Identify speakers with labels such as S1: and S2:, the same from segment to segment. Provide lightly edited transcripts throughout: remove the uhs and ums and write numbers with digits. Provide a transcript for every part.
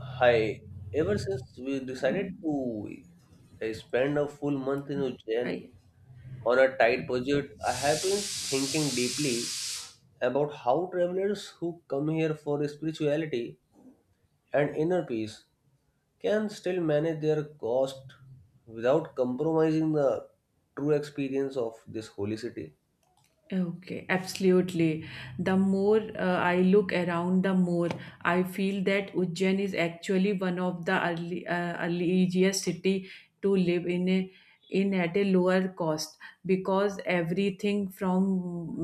S1: Hi, ever since we decided to spend a full month in Ujjain
S2: I
S1: on a tight budget, I have been thinking deeply about how travelers who come here for spirituality and inner peace can still manage their cost without compromising the true experience of this holy city.
S2: Okay, absolutely. The more I look around, the more I feel that Ujjain is actually one of the early, early easiest city to live in at a lower cost because everything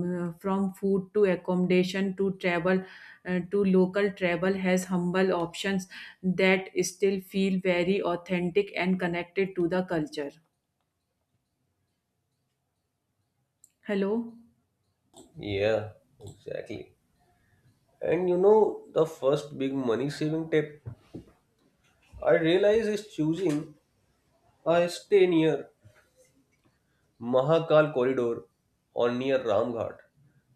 S2: from food to accommodation to travel to local travel has humble options that still feel very authentic and connected to the culture. Hello.
S1: Yeah, exactly. And the first big money saving tip I realize is choosing a stay near Mahakal corridor or near Ramghat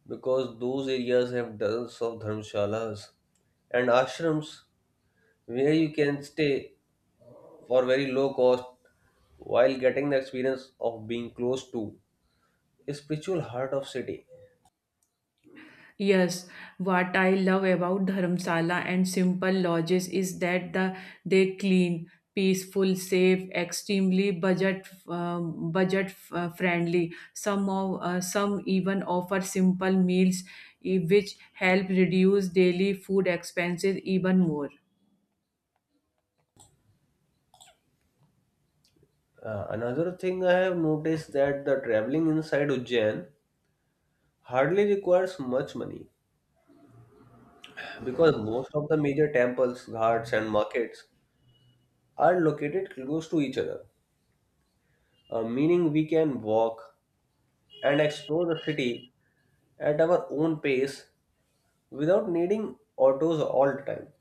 S1: because those areas have dozens of dharmshalas and ashrams where you can stay for very low cost while getting the experience of being close to a spiritual heart of city.
S2: Yes, what I love about Dharamsala and simple lodges is that they clean, peaceful, safe, extremely budget budget friendly. Some of some even offer simple meals, which help reduce daily food expenses even more.
S1: Another thing I have noticed that the traveling inside Ujjain hardly requires much money because most of the major temples, ghats and markets are located close to each other, meaning we can walk and explore the city at our own pace without needing autos all the time.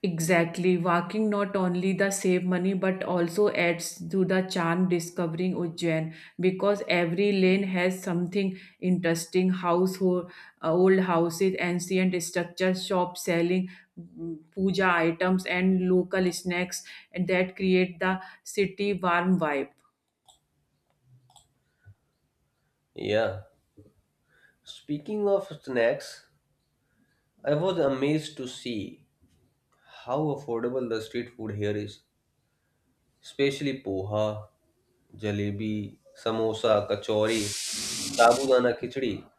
S2: Exactly. Walking not only the save money but also adds to the charm discovering Ujjain because every lane has something interesting household, old houses, ancient structures, shops selling, puja items and local snacks, and that create the city warm vibe.
S1: Yeah. Speaking of snacks, I was amazed to see how affordable the street food here is, especially poha, jalebi, samosa, kachori, sabudana khichdi,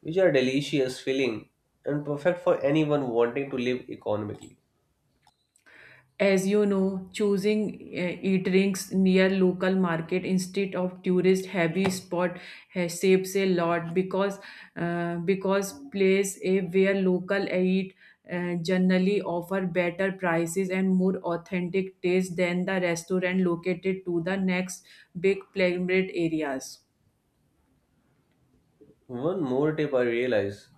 S1: which are delicious, filling, and perfect for anyone wanting to live economically.
S2: As you know, choosing eateries near local market instead of tourist heavy spot has saves a lot because place a where local eat generally offer better prices and more authentic taste than the restaurant located to the next big plate areas.
S1: One more tip I realize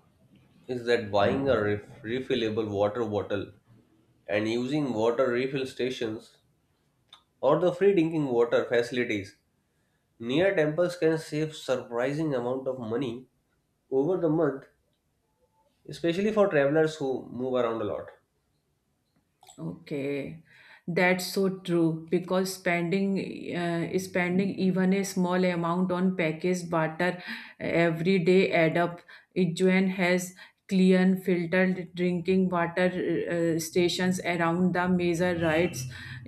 S1: is that buying a refillable water bottle and using water refill stations or the free drinking water facilities near temples can save surprising amount of money over the month, especially for travelers who move around a lot.
S2: Okay, that's so true because spending even a small amount on packaged butter every day add up. Ijuan has clean filtered drinking water stations around the major rites,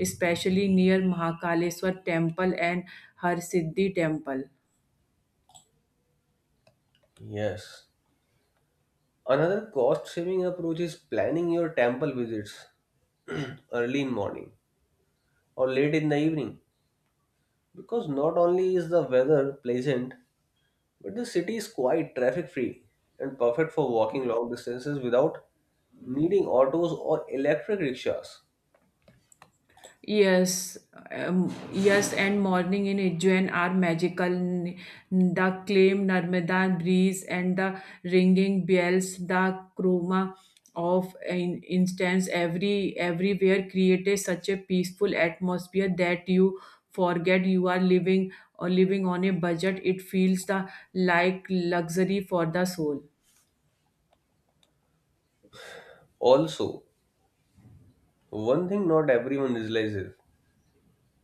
S2: especially near Mahakaleshwar temple and Har Siddhi temple.
S1: Yes, another cost saving approach is planning your temple visits early in morning or late in the evening because not only is the weather pleasant, but the city is quiet, traffic free, and perfect for walking long distances without needing autos or electric rickshaws.
S2: Yes, yes, and morning in Ujjain are magical. The calm Narmada breeze and the ringing bells, the chroma of in instance everywhere created such a peaceful atmosphere that you forget you are living or living on a budget. It feels the like luxury for the soul.
S1: Also, one thing not everyone realizes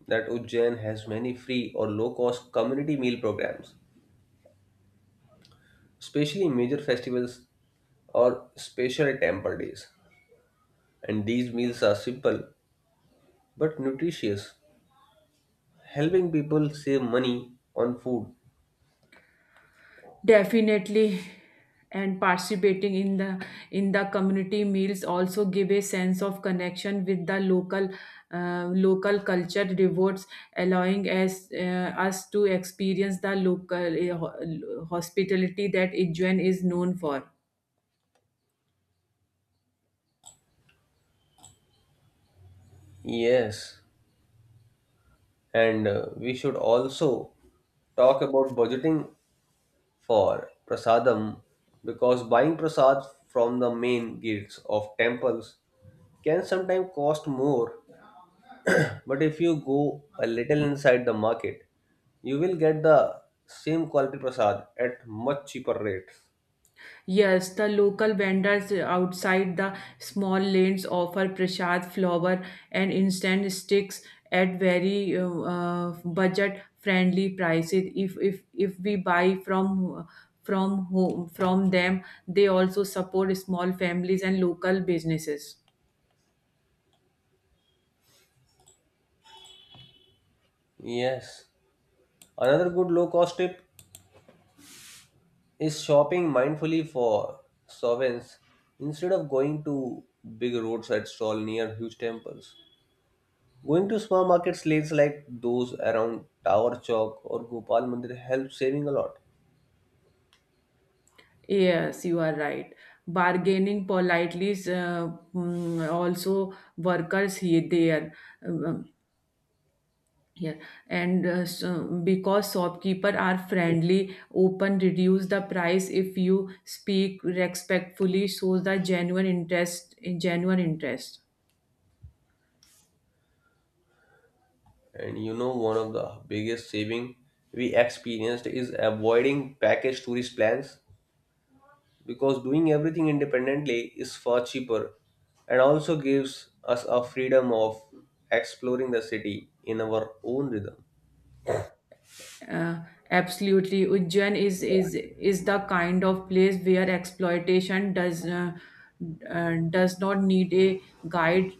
S1: that Ujjain has many free or low cost community meal programs, especially in major festivals or special temple days. And these meals are simple but nutritious, helping people save money on food.
S2: Definitely, and participating in the community meals also give a sense of connection with the local local culture rewards, allowing us to experience the local hospitality that Ijuan is known for.
S1: Yes, and we should also talk about budgeting for prasadam because buying prasad from the main gates of temples can sometimes cost more, but if you go a little inside the market you will get the same quality prasad at much cheaper rate.
S2: Yes, the local vendors outside the small lanes offer prasad flour and instant sticks at very budget-friendly prices. If we buy from them, they also support small families and local businesses.
S1: Yes, another good low cost tip is shopping mindfully for sovereigns instead of going to big roadside stall near huge temples. Going to small markets lanes like those around Tower Chowk or Gopal Mandir helps saving a lot.
S2: Yes, you are right. Bargaining politely is also workers here there. Uh, Yeah, and so because shopkeeper are friendly, open, reduce the price if you speak respectfully, shows the genuine interest.
S1: And one of the biggest saving we experienced is avoiding package tourist plans because doing everything independently is far cheaper and also gives us a freedom of exploring the city in our own rhythm.
S2: Uh, Absolutely, Ujjain is the kind of place where exploitation does not need a guide.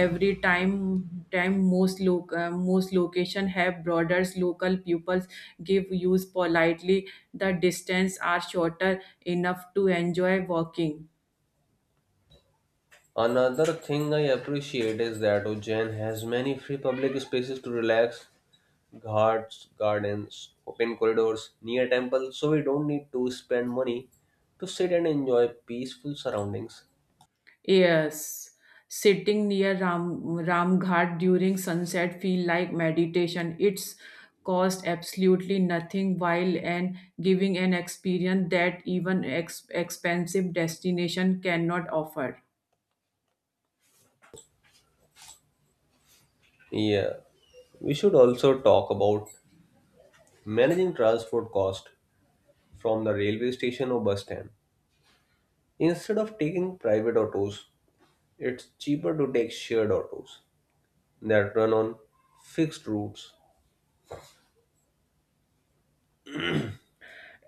S2: Every time, most loc most location have borders. Local pupils give use politely. The distance are shorter enough to enjoy walking.
S1: Another thing I appreciate is that Ujjain has many free public spaces to relax: ghats, gardens, open corridors near temples, so we don't need to spend money to sit and enjoy peaceful surroundings.
S2: Yes, sitting near Ramghat during sunset feel like meditation. It's cost absolutely nothing while and giving an experience that even expensive destination cannot offer.
S1: Yeah, we should also talk about managing transport cost from the railway station or bus stand. Instead of taking private autos, it's cheaper to take shared autos that run on fixed routes.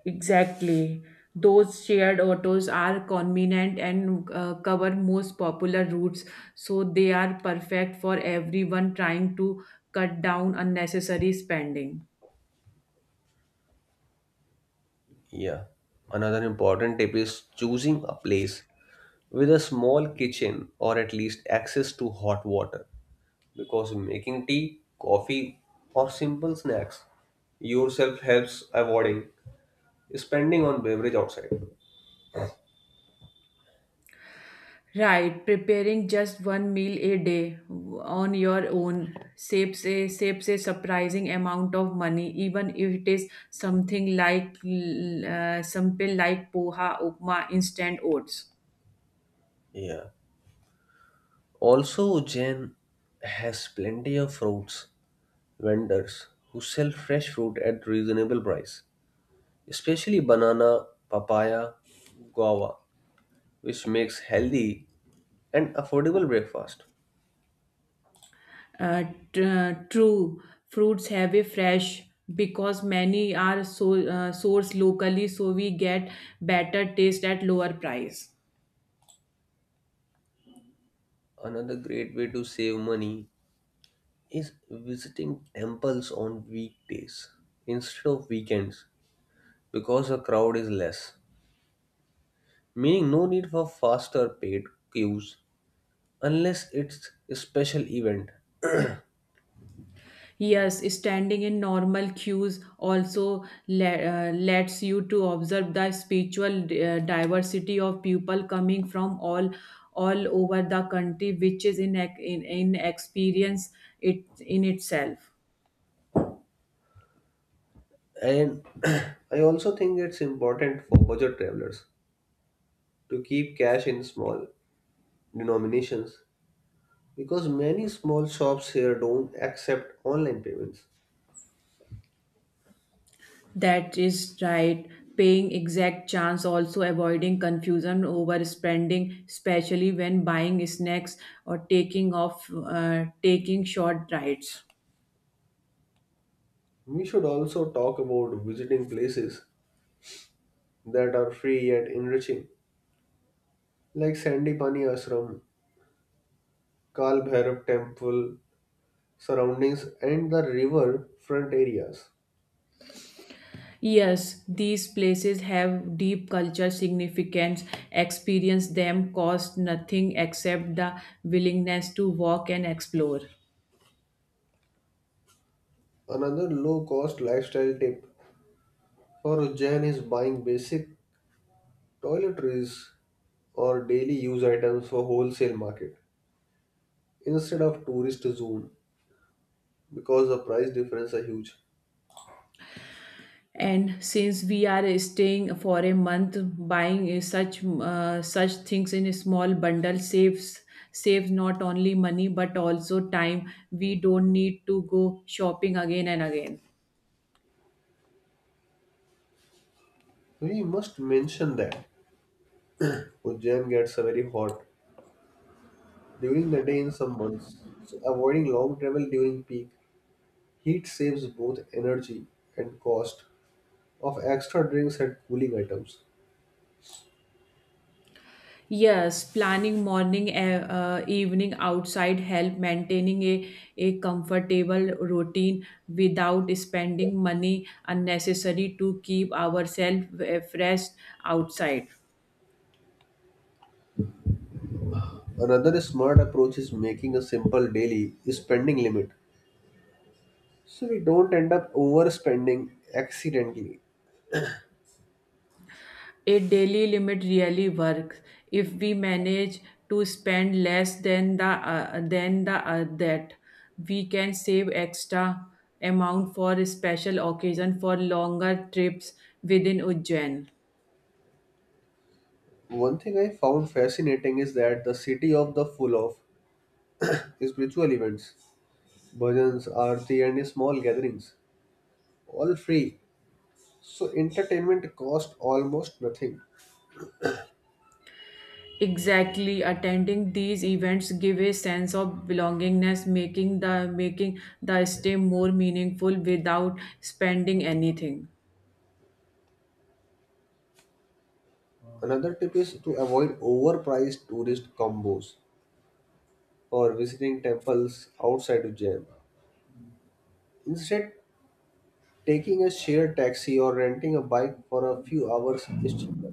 S2: Exactly. Those shared autos are convenient and cover most popular routes, so they are perfect for everyone trying to cut down unnecessary spending.
S1: Yeah. Another important tip is choosing a place with a small kitchen or at least access to hot water, because making tea, coffee, or simple snacks yourself helps avoiding spending on beverage outside.
S2: Right, preparing just one meal a day on your own saves a surprising amount of money, even if it is something something like poha, upma, instant oats.
S1: Yeah. Also, Jen has plenty of fruits vendors who sell fresh fruit at reasonable price, especially banana, papaya, guava, which makes healthy and affordable breakfast.
S2: Uh, True, fruits have a fresh because many are sourced locally, so we get better taste at lower price.
S1: Another great way to save money is visiting temples on weekdays instead of weekends because the crowd is less, meaning no need for faster paid queues unless it's a special event.
S2: Yes, standing in normal queues also lets you to observe the spiritual diversity of people coming from all over the country, which is in experience it in itself.
S1: And I also think it's important for budget travelers to keep cash in small denominations because many small shops here don't accept online payments.
S2: That is right. Paying exact chance, also avoiding confusion over spending, especially when buying snacks or taking short rides.
S1: We should also talk about visiting places that are free yet enriching, like Sandipani Ashram, Kal Bhairav Temple surroundings, and the riverfront areas.
S2: Yes, these places have deep cultural significance. Experience them cost nothing except the willingness to walk and explore.
S1: Another low cost lifestyle tip for Ujjain is buying basic toiletries or daily use items for wholesale market instead of tourist zone because the price difference are huge.
S2: And since we are staying for a month, buying such things in a small bundle saves not only money but also time. We don't need to go shopping again and again.
S1: We must mention that Ujjain gets very hot during the day in some months, so avoiding long travel during peak heat saves both energy and cost of extra drinks and cooling items.
S2: Yes, planning morning, evening outside help maintaining a comfortable routine without spending money unnecessary to keep ourselves fresh outside.
S1: Another smart approach is making a simple daily spending limit so we don't end up overspending accidentally.
S2: A daily limit really works if we manage to spend less than the that we can save extra amount for special occasion for longer trips within Ujjain.
S1: One thing I found fascinating is that the city of the full of spiritual events, bhajans, aarti, and small gatherings, all free. So entertainment cost almost nothing.
S2: Exactly, attending these events give a sense of belongingness, making the stay more meaningful without spending anything.
S1: Another tip is to avoid overpriced tourist combos or visiting temples outside of Jain. Instead, taking a shared taxi or renting a bike for a few hours is cheaper.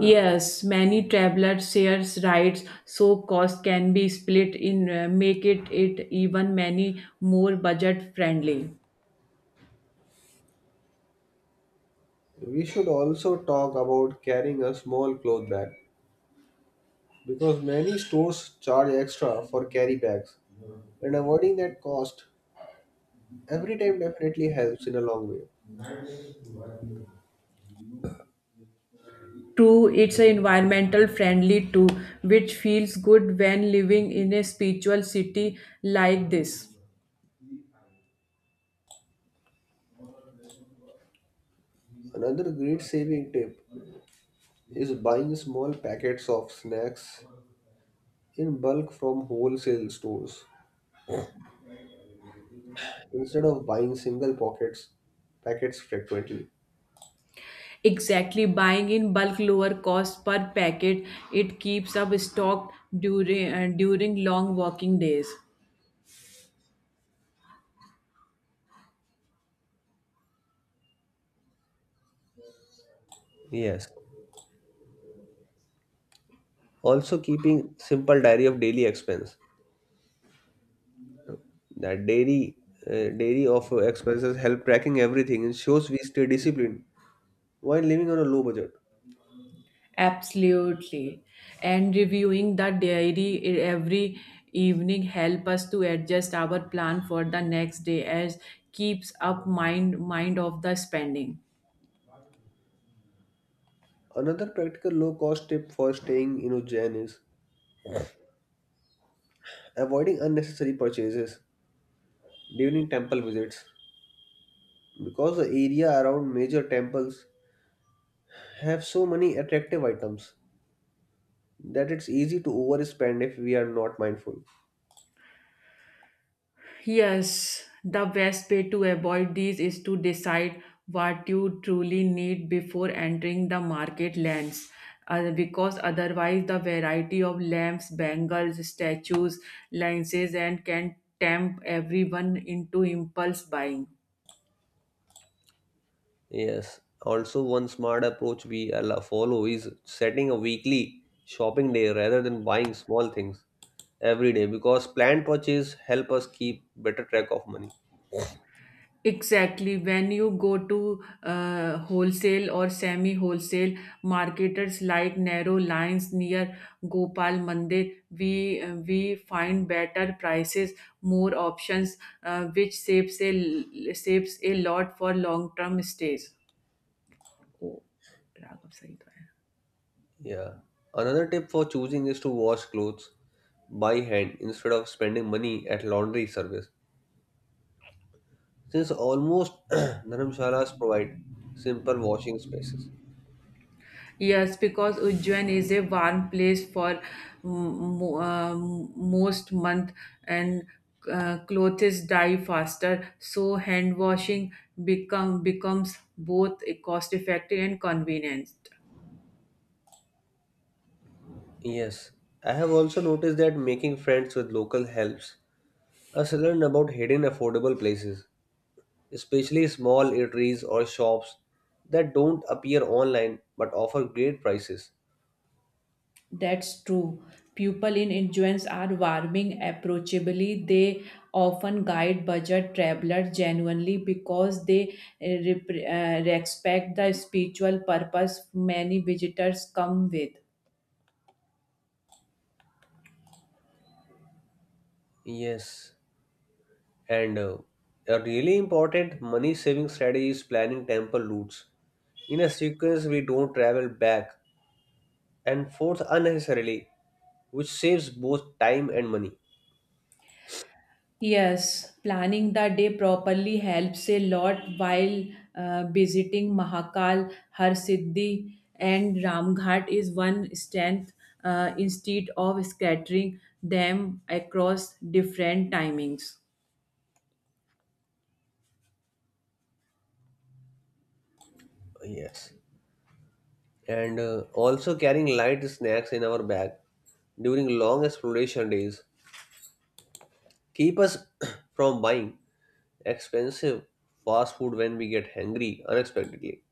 S2: Yes, many travelers shares rides, so cost can be split in make it even many more budget friendly.
S1: We should also talk about carrying a small cloth bag because many stores charge extra for carry bags and avoiding that cost every time definitely helps in a long way.
S2: True, it's a environmental friendly too, which feels good when living in a spiritual city like this.
S1: Another great saving tip is buying small packets of snacks in bulk from wholesale stores instead of buying single pockets packets frequently.
S2: Exactly, buying in bulk lower cost per packet. It keeps up stocked during long walking days.
S1: Yes. Also keeping simple diary of daily expense. That daily of expenses help tracking everything and shows we stay disciplined while living on a low budget.
S2: Absolutely. And reviewing the diary every evening help us to adjust our plan for the next day as keeps up mind of the spending.
S1: Another practical low cost tip for staying in Ujjain is avoiding unnecessary purchases during temple visits because the area around major temples have so many attractive items that it's easy to overspend if we are not mindful.
S2: Yes, the best way to avoid these is to decide what you truly need before entering the market lens. Because otherwise, the variety of lamps, bangles, statues, lenses, and can tempt everyone into impulse buying.
S1: Yes. Also, one smart approach we allow follow is setting a weekly shopping day rather than buying small things every day because planned purchase help us keep better track of money.
S2: Exactly. When you go to wholesale or semi wholesale marketers like narrow lines near Gopal Mandir, we find better prices, more options, which saves a lot for long term stays. Oh, Raghav, sahi to hai.
S1: Yeah. Another tip for choosing is to wash clothes by hand instead of spending money at laundry service since almost dharamshalas provide simple washing spaces.
S2: Yes, because Ujjain is a warm place for most month and clothes dry faster, so hand washing becomes both cost effective and convenient.
S1: Yes. I have also noticed that making friends with local helps us learn about hidden affordable places, especially small eateries or shops that don't appear online but offer great prices.
S2: That's true. People in influence are warming approachably. They often guide budget travelers genuinely because they respect the spiritual purpose many visitors come with.
S1: Yes, and a really important money saving strategy is planning temple routes. In a sequence, we don't travel back and forth unnecessarily, which saves both time and money.
S2: Yes, planning the day properly helps a lot while visiting Mahakal, Harsiddhi, and Ramghat is one strength instead of scattering them across different timings.
S1: Yes, and also carrying light snacks in our bag during long exploration days keep us from buying expensive fast food when we get hungry unexpectedly.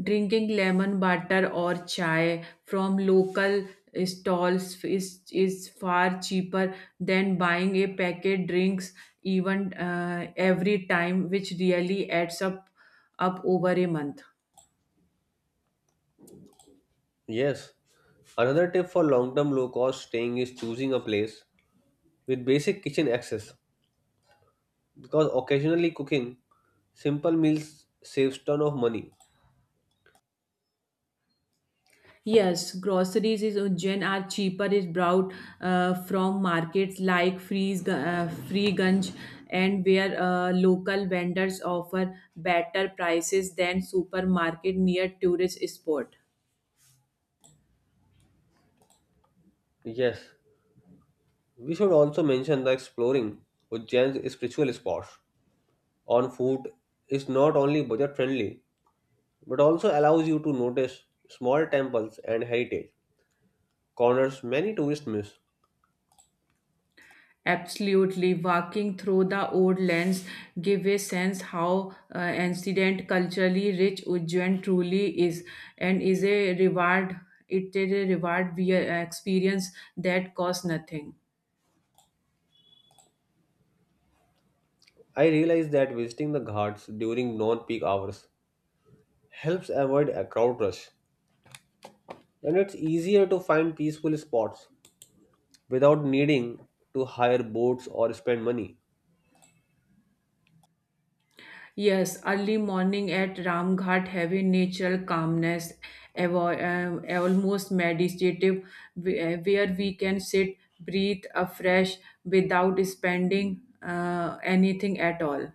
S2: Drinking lemon water or chai from local stalls is far cheaper than buying a packet drinks even every time, which really adds up over a month.
S1: Yes, another tip for long term low cost staying is choosing a place with basic kitchen access because occasionally cooking simple meals saves ton of money.
S2: Yes, groceries is gen are cheaper is brought from markets like Freeganj and where local vendors offer better prices than supermarket near tourist spot.
S1: Yes, we should also mention that exploring Ujjain's spiritual spots on foot is not only budget friendly but also allows you to notice small temples and heritage corners many tourists miss.
S2: Absolutely, walking through the old lands give a sense how ancient culturally rich Ujjain truly is, and is a reward. It is a reward via experience that costs nothing.
S1: I realized that visiting the ghats during non-peak hours helps avoid a crowd rush, and it's easier to find peaceful spots without needing to hire boats or spend money.
S2: Yes, early morning at Ramghat, heavy natural calmness, almost meditative, where we can sit, breathe afresh without spending anything at all.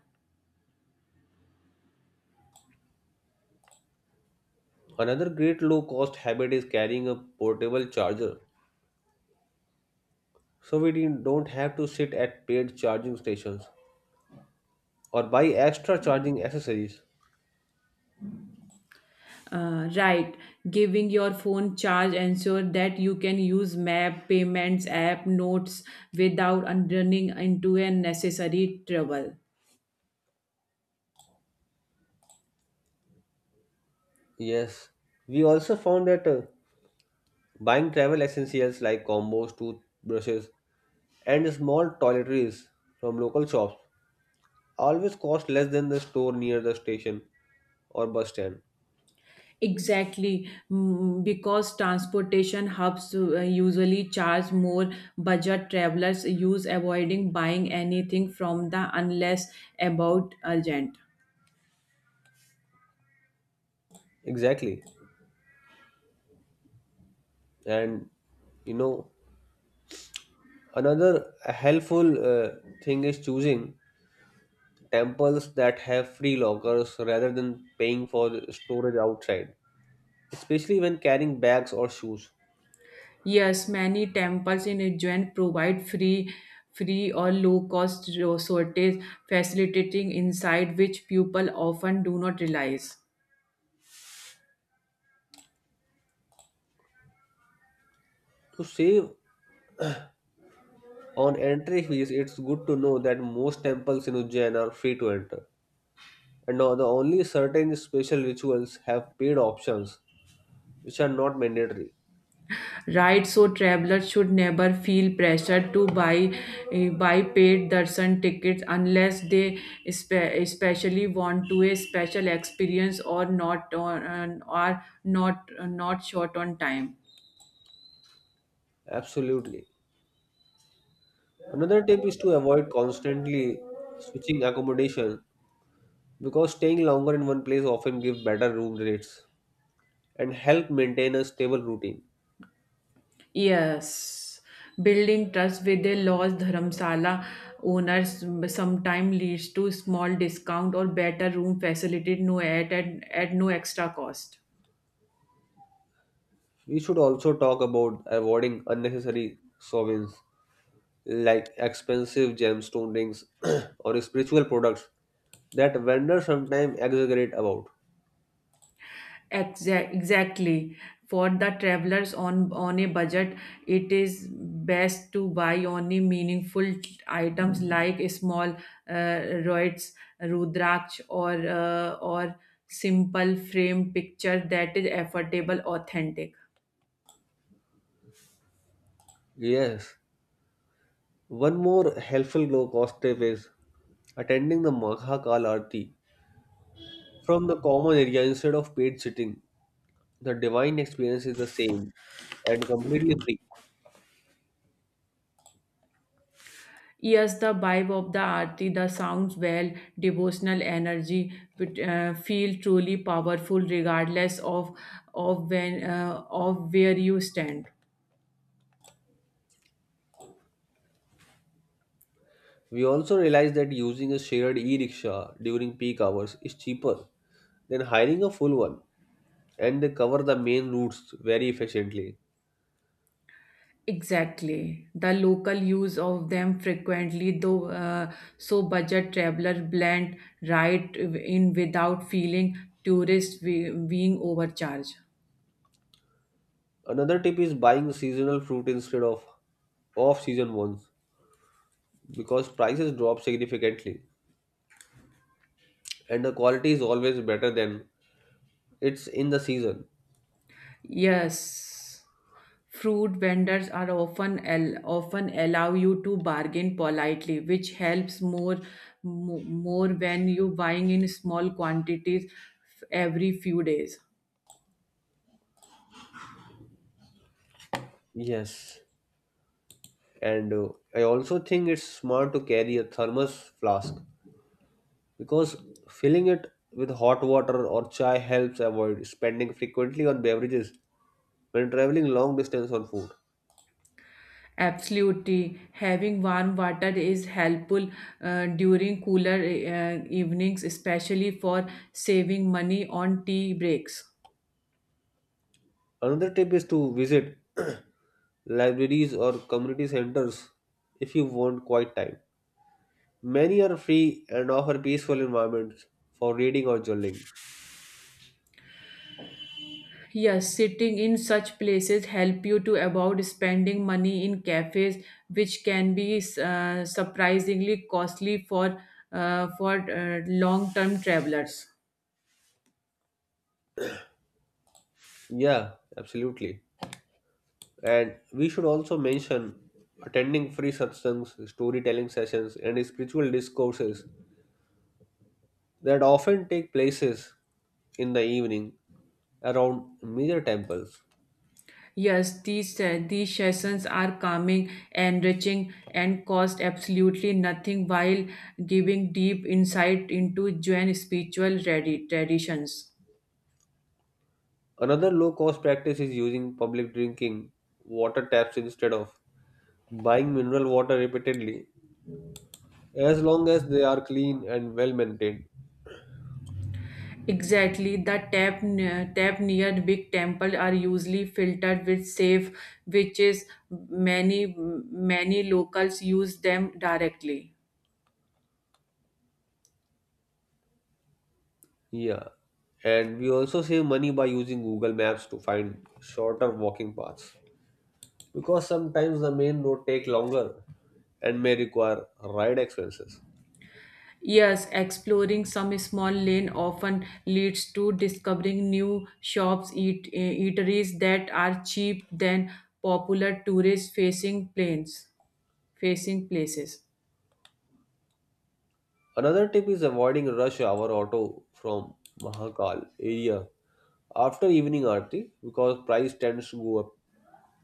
S1: Another great low-cost habit is carrying a portable charger, so we don't have to sit at paid charging stations or buy extra charging accessories.
S2: Right, giving your phone charge ensure that you can use map, payments app, notes without running into unnecessary trouble.
S1: Yes, we also found that buying travel essentials like combos, toothbrushes, and small toiletries from local shops always cost less than the store near the station or bus stand.
S2: Exactly, because transportation hubs usually charge more. Budget travelers use avoiding buying anything from the unless about urgent.
S1: Exactly. And you know, another helpful thing is choosing temples that have free lockers rather than paying for the storage outside, especially when carrying bags or shoes.
S2: Yes, many temples in Ujjain provide free or low cost resources, facilitating insight which people often do not realize.
S1: To save on entry fees, it's good to know that most temples in Ujjain are free to enter. And now the only certain special rituals have paid options, which are not mandatory.
S2: Right, so travelers should never feel pressured to buy buy paid darshan tickets unless they especially want to a special experience or not on or not short on time.
S1: Absolutely. Another tip is to avoid constantly switching accommodation because staying longer in one place often give better room rates and help maintain a stable routine.
S2: Yes, building trust with a lost dharmsala owners sometimes leads to small discount or better room facility no at no extra cost.
S1: We should also talk about avoiding unnecessary sovereigns like expensive gemstone rings or spiritual products that vendors sometimes exaggerate about.
S2: Exactly. For the travelers on a budget, it is best to buy only meaningful items like small uh, roids, rudraksh, or simple frame picture that is affordable, authentic.
S1: Yes, one more helpful low cost tip is attending the Maha Kal Aarti from the common area instead of paid sitting. The divine experience is the same and completely free.
S2: Yes, the vibe of the aarti, the sounds well, devotional energy, but, feel truly powerful regardless of when of where you stand.
S1: We also realized that using a shared e-rickshaw during peak hours is cheaper than hiring a full one, and they cover the main routes very efficiently.
S2: Exactly. The local use of them frequently, though, so budget traveler blend right in without feeling tourists being overcharged.
S1: Another tip is buying seasonal fruit instead of off-season ones because prices drop significantly and the quality is always better than it's in the season.
S2: Yes, fruit vendors are often often allow you to bargain politely, which helps more when you buying in small quantities every few days.
S1: Yes, and I also think it's smart to carry a thermos flask because filling it with hot water or chai helps avoid spending frequently on beverages when traveling long distance on food.
S2: Absolutely. Having warm water is helpful during cooler evenings, especially for saving money on tea breaks.
S1: Another tip is to visit libraries or community centers if you want quiet time. Many are free and offer peaceful environments for reading or journaling.
S2: Yes, sitting in such places help you to avoid spending money in cafes, which can be surprisingly costly for long-term travelers.
S1: Yeah, absolutely. And we should also mention attending free satsangs, storytelling sessions, and spiritual discourses that often take places in the evening around major temples.
S2: Yes, these sessions are calming, enriching, and cost absolutely nothing while giving deep insight into Jain spiritual traditions.
S1: Another low cost practice is using public drinking water taps instead of buying mineral water repeatedly, as long as they are clean and well maintained.
S2: Exactly, tap near big temple are usually filtered with safe, which is many locals use them directly.
S1: Yeah, and we also save money by using Google Maps to find shorter walking paths because sometimes the main road take longer and may require ride expenses.
S2: Yes, exploring some small lane often leads to discovering new shops, eateries that are cheap than popular facing places.
S1: Another tip is avoiding rush hour auto from Mahakal area after evening aarti because price tends to go up,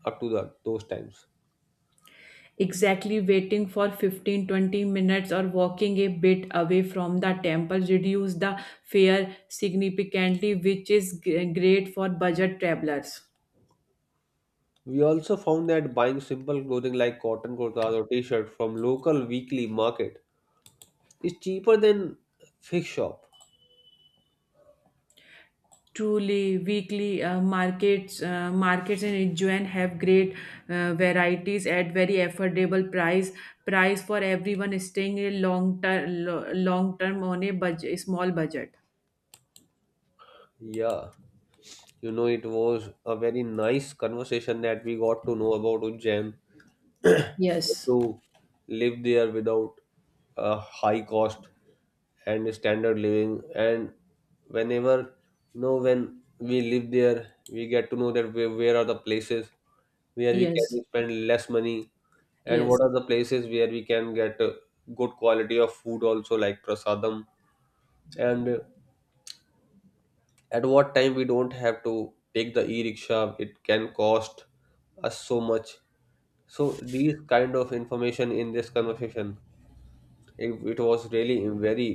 S1: up to those times.
S2: Exactly, waiting for 15-20 minutes or walking a bit away from the temple reduce the fare significantly, which is great for budget travelers.
S1: We also found that buying simple clothing like cotton kurtas or t-shirt from local weekly market is cheaper than fake shop.
S2: Truly, weekly markets in Ujjain have great varieties at very affordable price. Price for everyone staying long term on a budget, small budget.
S1: Yeah, it was a very nice conversation that we got to know about Ujjain, how
S2: Yes,
S1: to live there without a high cost and standard living. And whenever when we live there we get to know that where are the places where we
S2: yes,
S1: can spend less money, and
S2: yes.
S1: what are the places where we can get good quality of food also, like prasadam, and at what time we don't have to take the e-rickshaw it can cost us so much. So these kind of information in this conversation, it was really very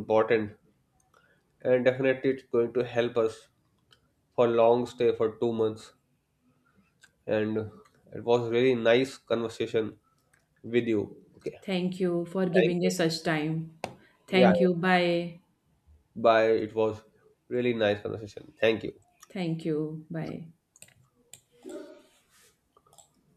S1: important, and definitely it's going to help us for long stay for 2 months. And it was really nice conversation with you. Okay,
S2: Thank you for
S1: thank
S2: giving
S1: you.
S2: us such time.
S1: Yeah,
S2: Thank you. Bye.
S1: bye. It was really nice conversation. Thank you.
S2: Thank you. Bye.